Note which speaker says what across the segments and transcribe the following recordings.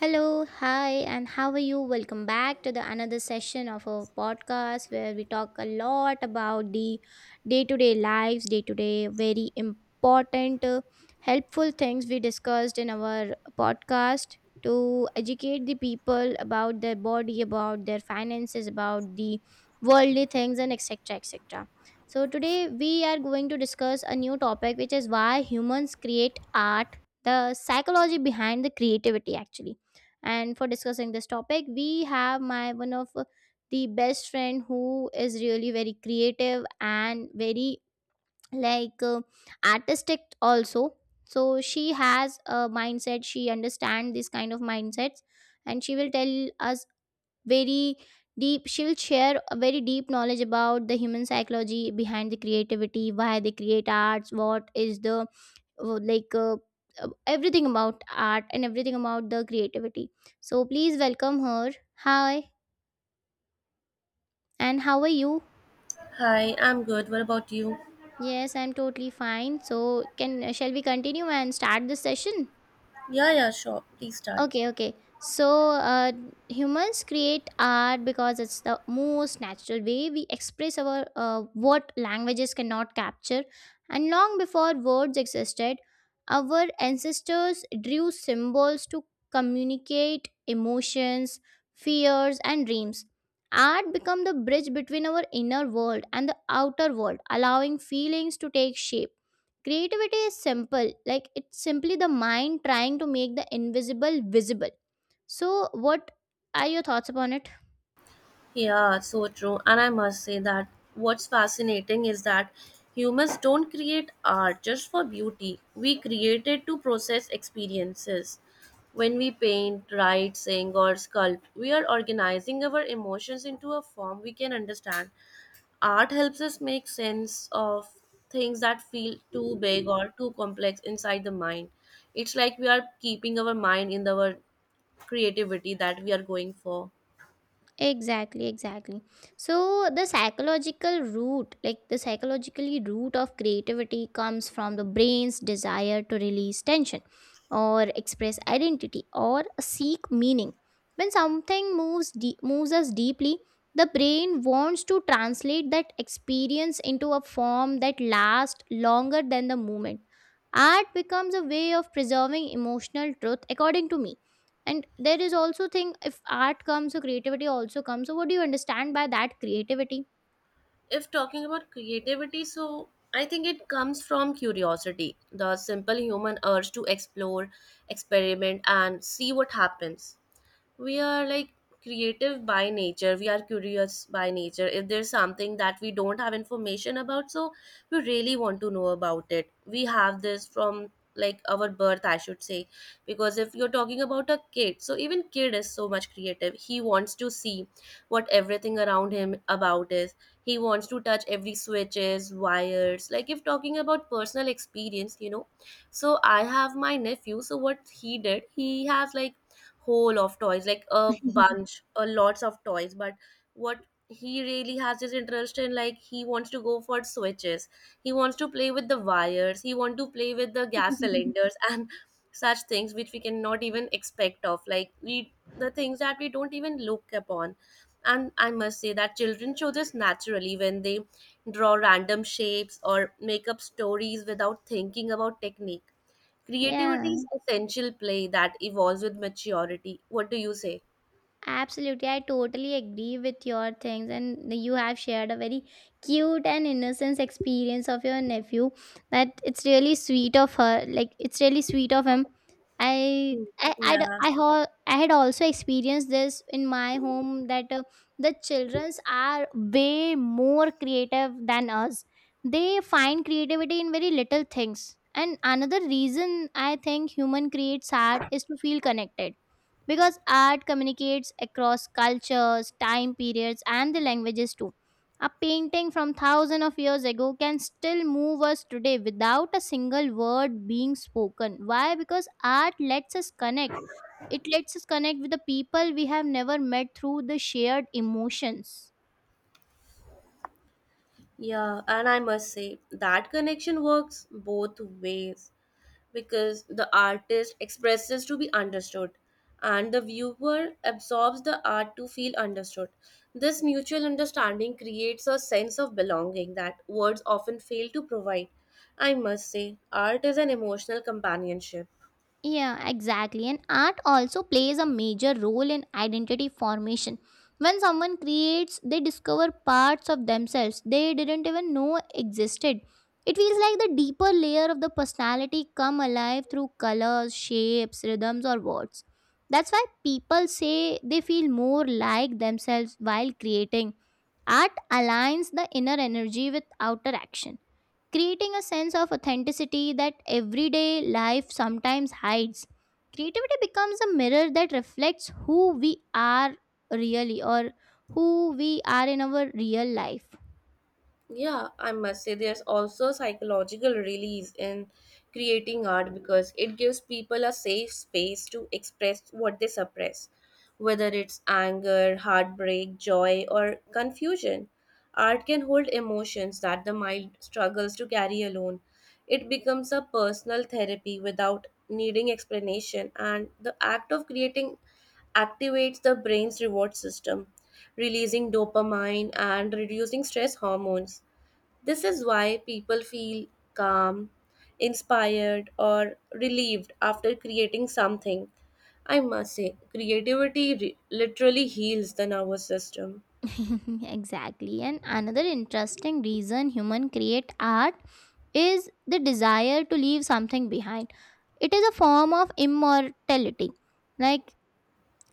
Speaker 1: Hello, hi, and how are you? Welcome back to the another session of our podcast where we talk a lot about the day-to-day lives, day-to-day very important, helpful things we discussed in our podcast to educate the people about their body, about their finances, about the worldly things, and etc. etc. So today we are going to discuss a new topic, which is why humans create art, the psychology behind the creativity, actually, and for discussing this topic, we have my one of the best friend who is really very creative and very like uh, artistic also. So she has a mindset. She understands this kind of mindsets, and she will tell us very deep she'll share a very deep knowledge about the human psychology behind the creativity, why they create arts, what is the uh, like uh, everything about art and everything about the creativity. So please welcome her. Hi, and how are you?
Speaker 2: Hi, I'm good. What about you?
Speaker 1: Yes, I'm totally fine. So can shall we continue and start the session?
Speaker 2: Yeah, yeah, sure. Please start.
Speaker 1: Okay, okay. So, humans create art because it's the most natural way we express our what languages cannot capture. And long before words existed, our ancestors drew symbols to communicate emotions, fears, and dreams. Art become the bridge between our inner world and the outer world, allowing feelings to take shape. Creativity is simple, like it's simply the mind trying to make the invisible visible. So, what are your thoughts upon it?
Speaker 2: Yeah, so true. And I must say that what's fascinating is that humans don't create art just for beauty. We create it to process experiences. When we paint, write, sing, or sculpt, we are organizing our emotions into a form we can understand. Art helps us make sense of things that feel too big or too complex inside the mind. It's like we are keeping our mind in our creativity that we are going for.
Speaker 1: Exactly, exactly. So the psychological root, like the psychologically root of creativity comes from the brain's desire to release tension or express identity or seek meaning. When something moves us deeply, the brain wants to translate that experience into a form that lasts longer than the moment. Art becomes a way of preserving emotional truth according to me, and there is also thing, if art comes so creativity also comes, so what do you understand by that creativity?
Speaker 2: If talking about creativity, so I think it comes from curiosity, the simple human urge to explore, experiment, and see what happens. We are like creative by nature. We are curious by nature. If there's something that we don't have information about, so we really want to know about it. We have this from like our birth, I should say. Because if you're talking about a kid, so even kid is so much creative. He wants to see what everything around him about is. He wants to touch every switches, wires. Like if talking about personal experience, so I have my nephew. So what he did, he has like whole of toys, like a bunch, a lots of toys. But what he really has his interest in, like he wants to go for switches. He wants to play with the wires. He want to play with the gas cylinders and such things which we cannot even expect of. Like we, the things that we don't even look upon. And I must say that children show this naturally when they draw random shapes or make up stories without thinking about technique. Creativity
Speaker 1: Yeah,
Speaker 2: is essential play that evolves with maturity. What do you say?
Speaker 1: absolutely, I totally agree with your things, and you have shared a very cute and innocent experience of your nephew. That it's really sweet of her. Like it's really sweet of him.
Speaker 2: Hmm.
Speaker 1: I I'd,
Speaker 2: Yeah,
Speaker 1: I ho- I had also experienced this in my home that the childrens are way more creative than us. They find creativity in very little things. And another reason I think human creates art is to feel connected, because art communicates across cultures, time periods, and the languages too. A painting from thousands of years ago can still move us today without a single word being spoken. Why? Because art lets us connect. It lets us connect with the people we have never met through the shared emotions.
Speaker 2: yeah, and I must say that connection works both ways because the artist expresses to be understood and the viewer absorbs the art to feel understood. This mutual understanding creates a sense of belonging that words often fail to provide. I must say, art is an emotional companionship.
Speaker 1: Yeah, exactly. And art also plays a major role in identity formation. When someone creates, they discover parts of themselves they didn't even know existed. It feels like the deeper layer of the personality come alive through colors, shapes, rhythms or words. That's why people say they feel more like themselves while creating. Art aligns the inner energy with outer action, creating a sense of authenticity that everyday life sometimes hides. Creativity becomes a mirror that reflects who we are really, or who we are in our real life.
Speaker 2: Yeah, I must say there's also psychological release in creating art because it gives people a safe space to express what they suppress, whether it's anger, heartbreak, joy, or confusion. Art can hold emotions that the mind struggles to carry alone. It becomes a personal therapy without needing explanation, and the act of creating activates the brain's reward system, releasing dopamine and reducing stress hormones. This is why people feel calm, inspired, or relieved after creating something. I must say, literally heals the nervous system.
Speaker 1: Exactly. And another interesting reason human create art is the desire to leave something behind. It is a form of immortality. Like,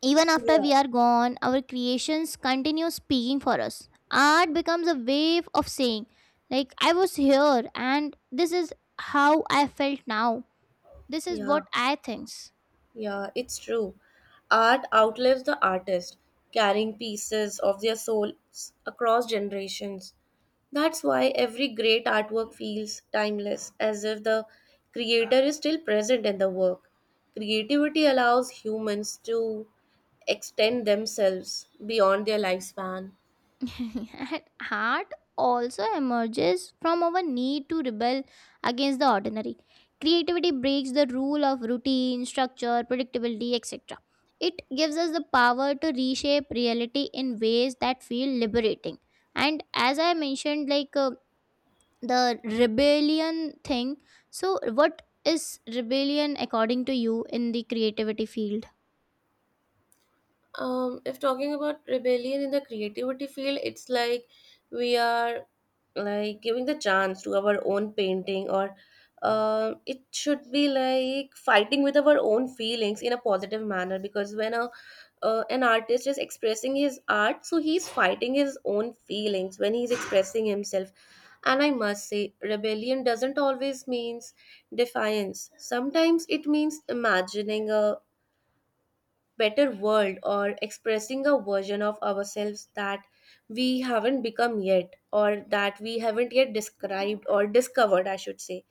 Speaker 1: even after
Speaker 2: Yeah.
Speaker 1: we are gone, our creations continue speaking for us. Art becomes a way of saying, like, I was here and this is how I felt now. This is
Speaker 2: Yeah.
Speaker 1: what I thinks.
Speaker 2: Yeah, it's true. Art outlives the artist, carrying pieces of their souls across generations. That's why every great artwork feels timeless, as if the creator is still present in the work. Creativity allows humans to extend themselves beyond their lifespan.
Speaker 1: And art also emerges from our need to rebel against the ordinary. Creativity breaks the rule of routine, structure, predictability, etc. It gives us the power to reshape reality in ways that feel liberating, and as I mentioned, the rebellion thing, so what is rebellion according to you in the creativity field?
Speaker 2: If talking about rebellion in the creativity field, it's like we are like giving the chance to our own painting, or it should be like fighting with our own feelings in a positive manner. Because when a an artist is expressing his art, so he's fighting his own feelings when he's expressing himself. And I must say, rebellion doesn't always means defiance. Sometimes it means imagining a better world or expressing a version of ourselves that we haven't become yet or that we haven't yet described or discovered, I should say.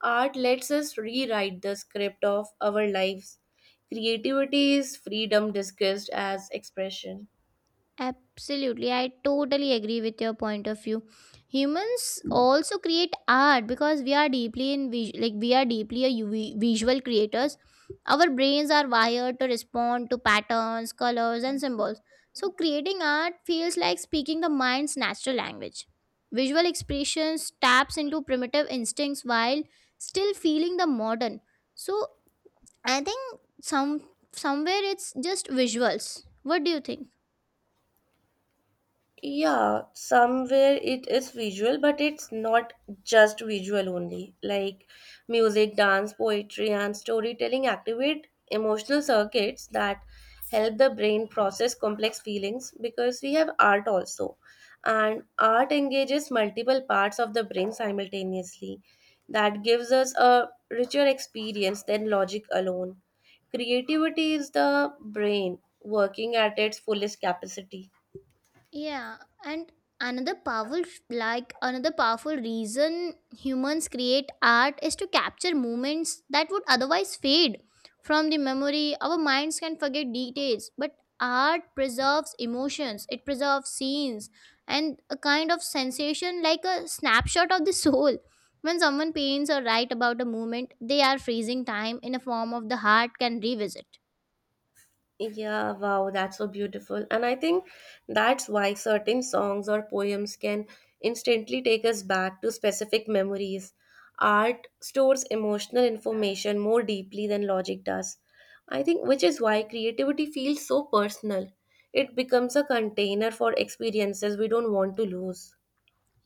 Speaker 2: Art lets us rewrite the script of our lives. Creativity is freedom disguised as expression.
Speaker 1: Absolutely, I totally agree with your point of view. Humans also create art because we are deeply in vis- like we are deeply visual creators. Our brains are wired to respond to patterns, colors, and symbols. So creating art feels like speaking the mind's natural language. Visual expressions taps into primitive instincts while still feeling the modern. So I think somewhere it's just visuals. What do you think?
Speaker 2: Yeah, somewhere it is visual, but it's not just visual only. Like music, dance, poetry, and storytelling activate emotional circuits that help the brain process complex feelings because we have art also. And art engages multiple parts of the brain simultaneously. That gives us a richer experience than logic alone. Creativity is the brain working at its fullest capacity.
Speaker 1: Yeah, and another powerful like another powerful reason humans create art is to capture moments that would otherwise fade from the memory. Our minds can forget details, but art preserves emotions, it preserves scenes and a kind of sensation like a snapshot of the soul. When someone paints or write about a moment, they are freezing time in a form of the heart can revisit.
Speaker 2: Yeah, wow, that's so beautiful. And I think that's why certain songs or poems can instantly take us back to specific memories. Art stores emotional information more deeply than logic does. I think, which is why creativity feels so personal. It becomes a container for experiences we don't want to lose.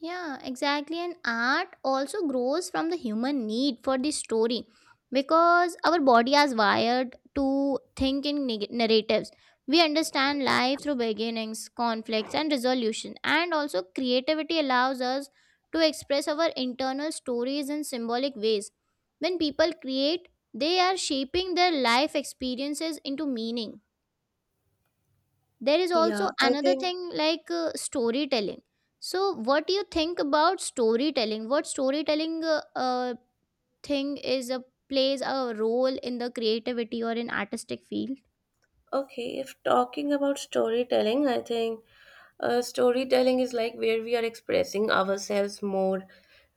Speaker 1: Yeah, exactly. And art also grows from the human need for the story, because our body is wired to think in narratives. We understand life through beginnings, conflicts, and resolution. And also, creativity allows us to express our internal stories in symbolic ways. When people create, they are shaping their life experiences into meaning. There is
Speaker 2: Yeah,
Speaker 1: also
Speaker 2: I
Speaker 1: another
Speaker 2: think,
Speaker 1: thing like, storytelling. So, what do you think about storytelling? What storytelling thing is a plays a role in the creativity or in artistic field?
Speaker 2: okay, if talking about storytelling, I think. Storytelling is like where we are expressing ourselves more.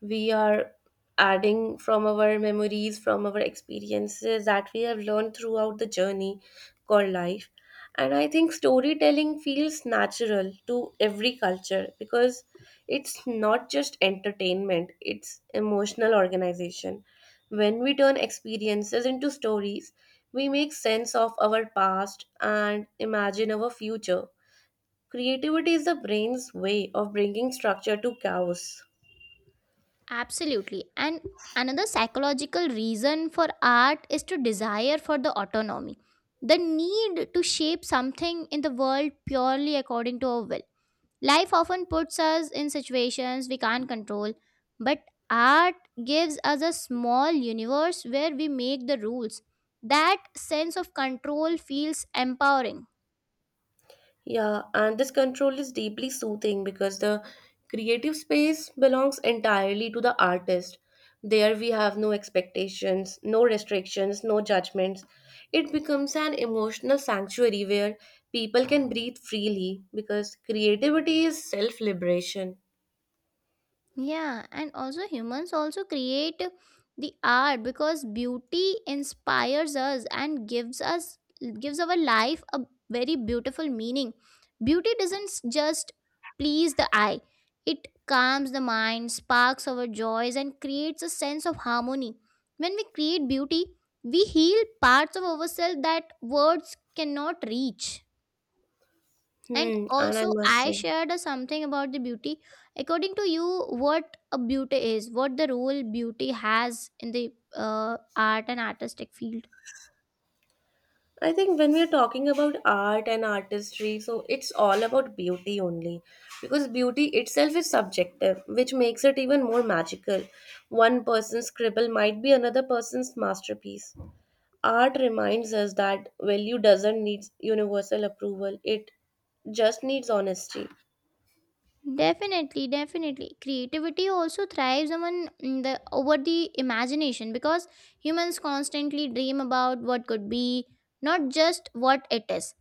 Speaker 2: We are adding from our memories, from our experiences that we have learned throughout the journey called life. And I think storytelling feels natural to every culture because it's not just entertainment, it's emotional organization. When we turn experiences into stories, we make sense of our past and imagine our future. Creativity is the brain's way of bringing structure to chaos.
Speaker 1: Absolutely. And another psychological reason for art is to desire for the autonomy, the need to shape something in the world purely according to our will. Life often puts us in situations we can't control, but art gives us a small universe where we make the rules. That sense of control feels empowering.
Speaker 2: Yeah, and this control is deeply soothing because the creative space belongs entirely to the artist. There we have no expectations, no restrictions, no judgments. It becomes an emotional sanctuary where people can breathe freely because creativity is self liberation.
Speaker 1: Yeah, and also humans also create the art because beauty inspires us and gives our life a very beautiful meaning. Beauty doesn't s- just please the eye. It calms the mind, sparks our joys and creates a sense of harmony. When we create beauty, we heal parts of ourselves that words cannot reach. And
Speaker 2: Hmm, and I
Speaker 1: also,
Speaker 2: must
Speaker 1: I
Speaker 2: say.
Speaker 1: shared a something about the beauty. According to you, what a beauty is, what the role beauty has in the art and artistic field?
Speaker 2: I think when we are talking about art and artistry, so it's all about beauty only. Because beauty itself is subjective, which makes it even more magical. One person's scribble might be another person's masterpiece. Art reminds us that value doesn't need universal approval, it just needs honesty.
Speaker 1: Definitely, definitely. Creativity also thrives on, mm, the imagination, because humans constantly dream about what could be, not just what it is.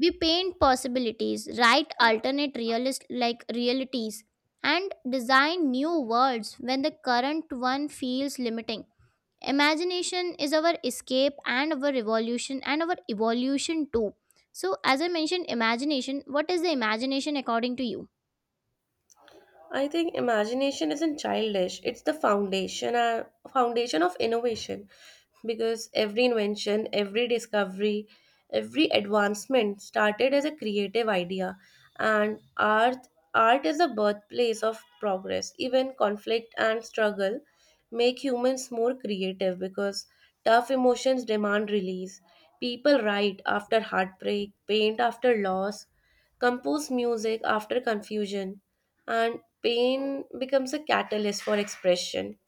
Speaker 1: We paint possibilities, write alternate realist like realities, and design new worlds when the current one feels limiting. Imagination is our escape and our revolution and our evolution too. So, as I mentioned, imagination. What is the imagination according to you?
Speaker 2: I think imagination isn't childish, it's the foundation of innovation because every invention, every discovery, every advancement started as a creative idea and art is the birthplace of progress. Even conflict and struggle make humans more creative because tough emotions demand release. People write after heartbreak, paint after loss, compose music after confusion and pain becomes a catalyst for expression.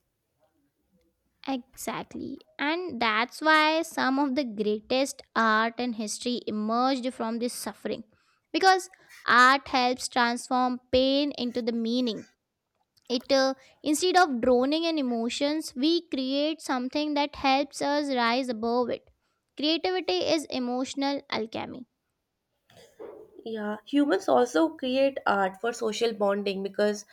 Speaker 1: Exactly. And that's why some of the greatest art and history emerged from this suffering. Because art helps transform pain into the meaning. It Instead of drowning in emotions, we create something that helps us rise above it. Creativity is emotional alchemy.
Speaker 2: Yeah, humans also create art for social bonding because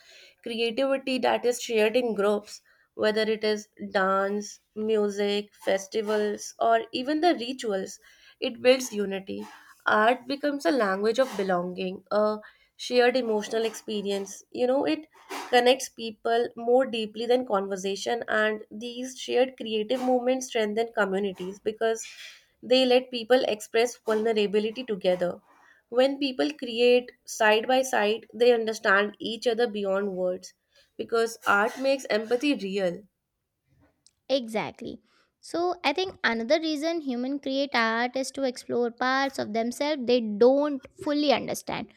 Speaker 2: creativity that is shared in groups, whether it is dance, music, festivals, or even the rituals, it builds unity. Art becomes a language of belonging, a shared emotional experience. You know, it connects people more deeply than conversation, and these shared creative movements strengthen communities because they let people express vulnerability together. When people create side by side, they understand each other beyond words because art makes empathy real.
Speaker 1: Exactly. So, I think another reason human create art is to explore parts of themselves they don't fully understand.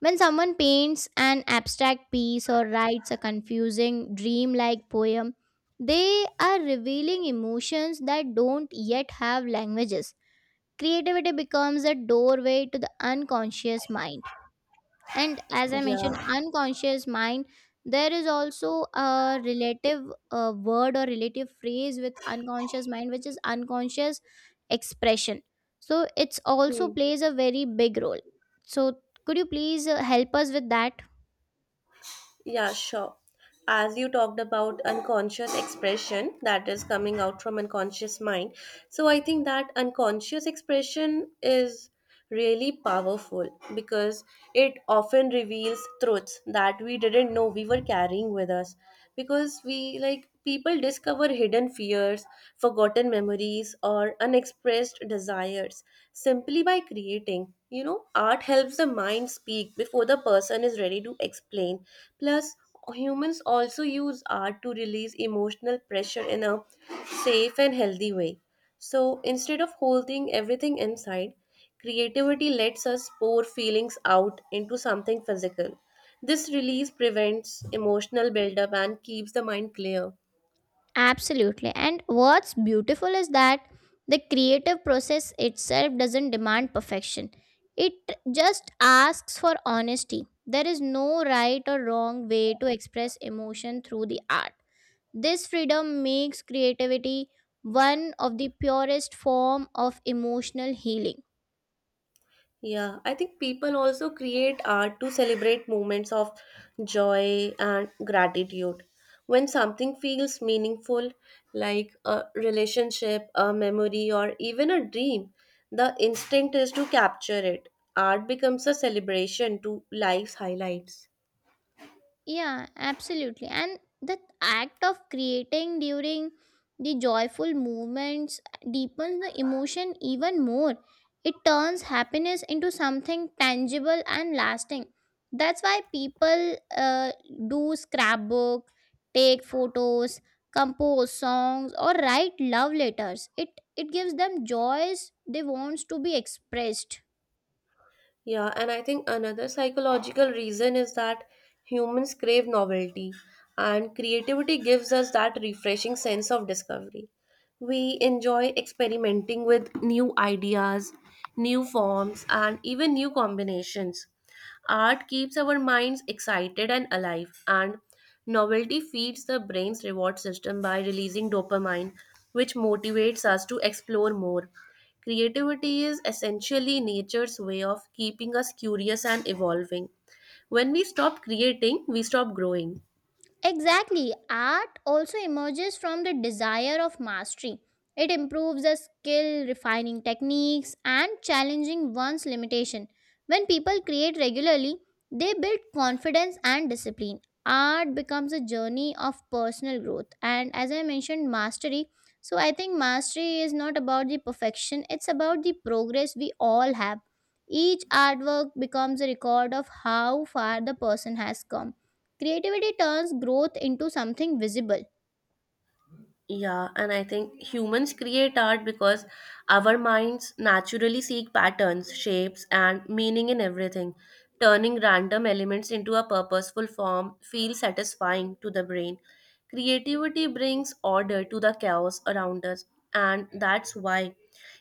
Speaker 1: When someone paints an abstract piece or writes a confusing dreamlike poem, they are revealing emotions that don't yet have languages. Creativity becomes a doorway to the unconscious mind, and as I mentioned,
Speaker 2: Yeah.
Speaker 1: unconscious mind, there is also a relative word or relative phrase with unconscious mind, which is unconscious expression, so it's also
Speaker 2: Hmm.
Speaker 1: plays a very big role, so could you please help us with that?
Speaker 2: Yeah, sure. As you talked about unconscious expression that is coming out from unconscious mind, so I think that unconscious expression is really powerful because it often reveals truths that we didn't know we were carrying with us because we like people discover hidden fears, forgotten memories, or unexpressed desires simply by creating. You know, art helps the mind speak before the person is ready to explain. Plus, humans also use art to release emotional pressure in a safe and healthy way. So instead of holding everything inside, creativity lets us pour feelings out into something physical. This release prevents emotional buildup and keeps the mind clear.
Speaker 1: Absolutely, and what's beautiful is that the creative process itself doesn't demand perfection, it just asks for honesty. There is no right or wrong way to express emotion through the art. This freedom makes creativity one of the purest form of emotional healing.
Speaker 2: Yeah, I think people also create art to celebrate moments of joy and gratitude. When something feels meaningful, like a relationship, a memory, or even a dream, the instinct is to capture it. Art becomes a celebration to life's highlights.
Speaker 1: Yeah, absolutely. And the act of creating during the joyful movements deepens the emotion even more. It turns happiness into something tangible and lasting. That's why people do scrapbook, take photos, compose songs, or write love letters. It gives them joys they wants to be expressed.
Speaker 2: Yeah, and I think another psychological reason is that humans crave novelty, and creativity gives us that refreshing sense of discovery. We enjoy experimenting with new ideas, new forms, and even new combinations. Art keeps our minds excited and alive, and novelty feeds the brain's reward system by releasing dopamine, which motivates us to explore more. Creativity is essentially nature's way of keeping us curious and evolving. When we stop creating, we stop growing.
Speaker 1: Exactly. Art also emerges from the desire of mastery. It improves a skill, refining techniques, and challenging one's limitation. When people create regularly, they build confidence and discipline. Art becomes a journey of personal growth. And as I mentioned, mastery. So I think mastery is not about the perfection, it's about the progress we all have. Each artwork becomes a record of how far the person has come. Creativity turns growth into something visible.
Speaker 2: Yeah, and I think humans create art because our minds naturally seek patterns, shapes, and meaning in everything. Turning random elements into a purposeful form feels satisfying to the brain. Creativity brings order to the chaos around us, and that's why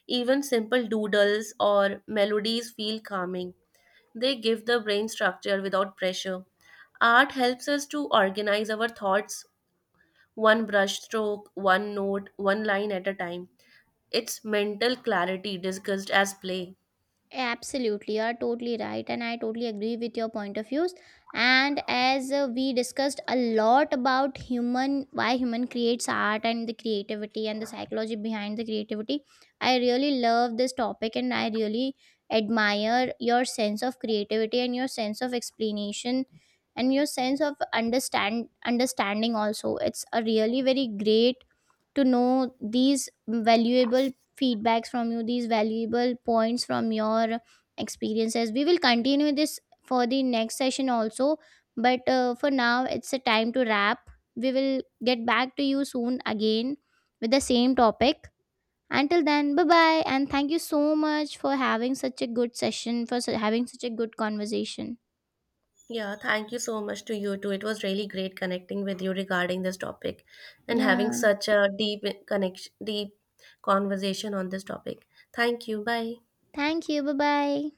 Speaker 2: even simple doodles or melodies feel calming. They give the brain structure without pressure. Art helps us to organize our thoughts one brushstroke, one note, one line at a time. It's mental clarity discussed as play.
Speaker 1: Absolutely, you are totally right, and I totally agree with your point of views. And as we discussed a lot about human, why human creates art and the creativity and the psychology behind the creativity, I really love this topic, and I really admire your sense of creativity and your sense of explanation and your sense of understanding also. It's a really very great to know these valuable feedbacks from you, these valuable points from your experiences. We will continue this for the next session also, but for now, it's a time to wrap. We will get back to you soon again with the same topic. Until then, bye bye, and thank you so much for having such a good session, for having such a good conversation.
Speaker 2: Yeah, thank you so much to you too. It was really great connecting with you regarding this topic and having
Speaker 1: Yeah,
Speaker 2: such a deep connection, deep conversation on this topic. Thank you. Bye.
Speaker 1: thank you, bye bye.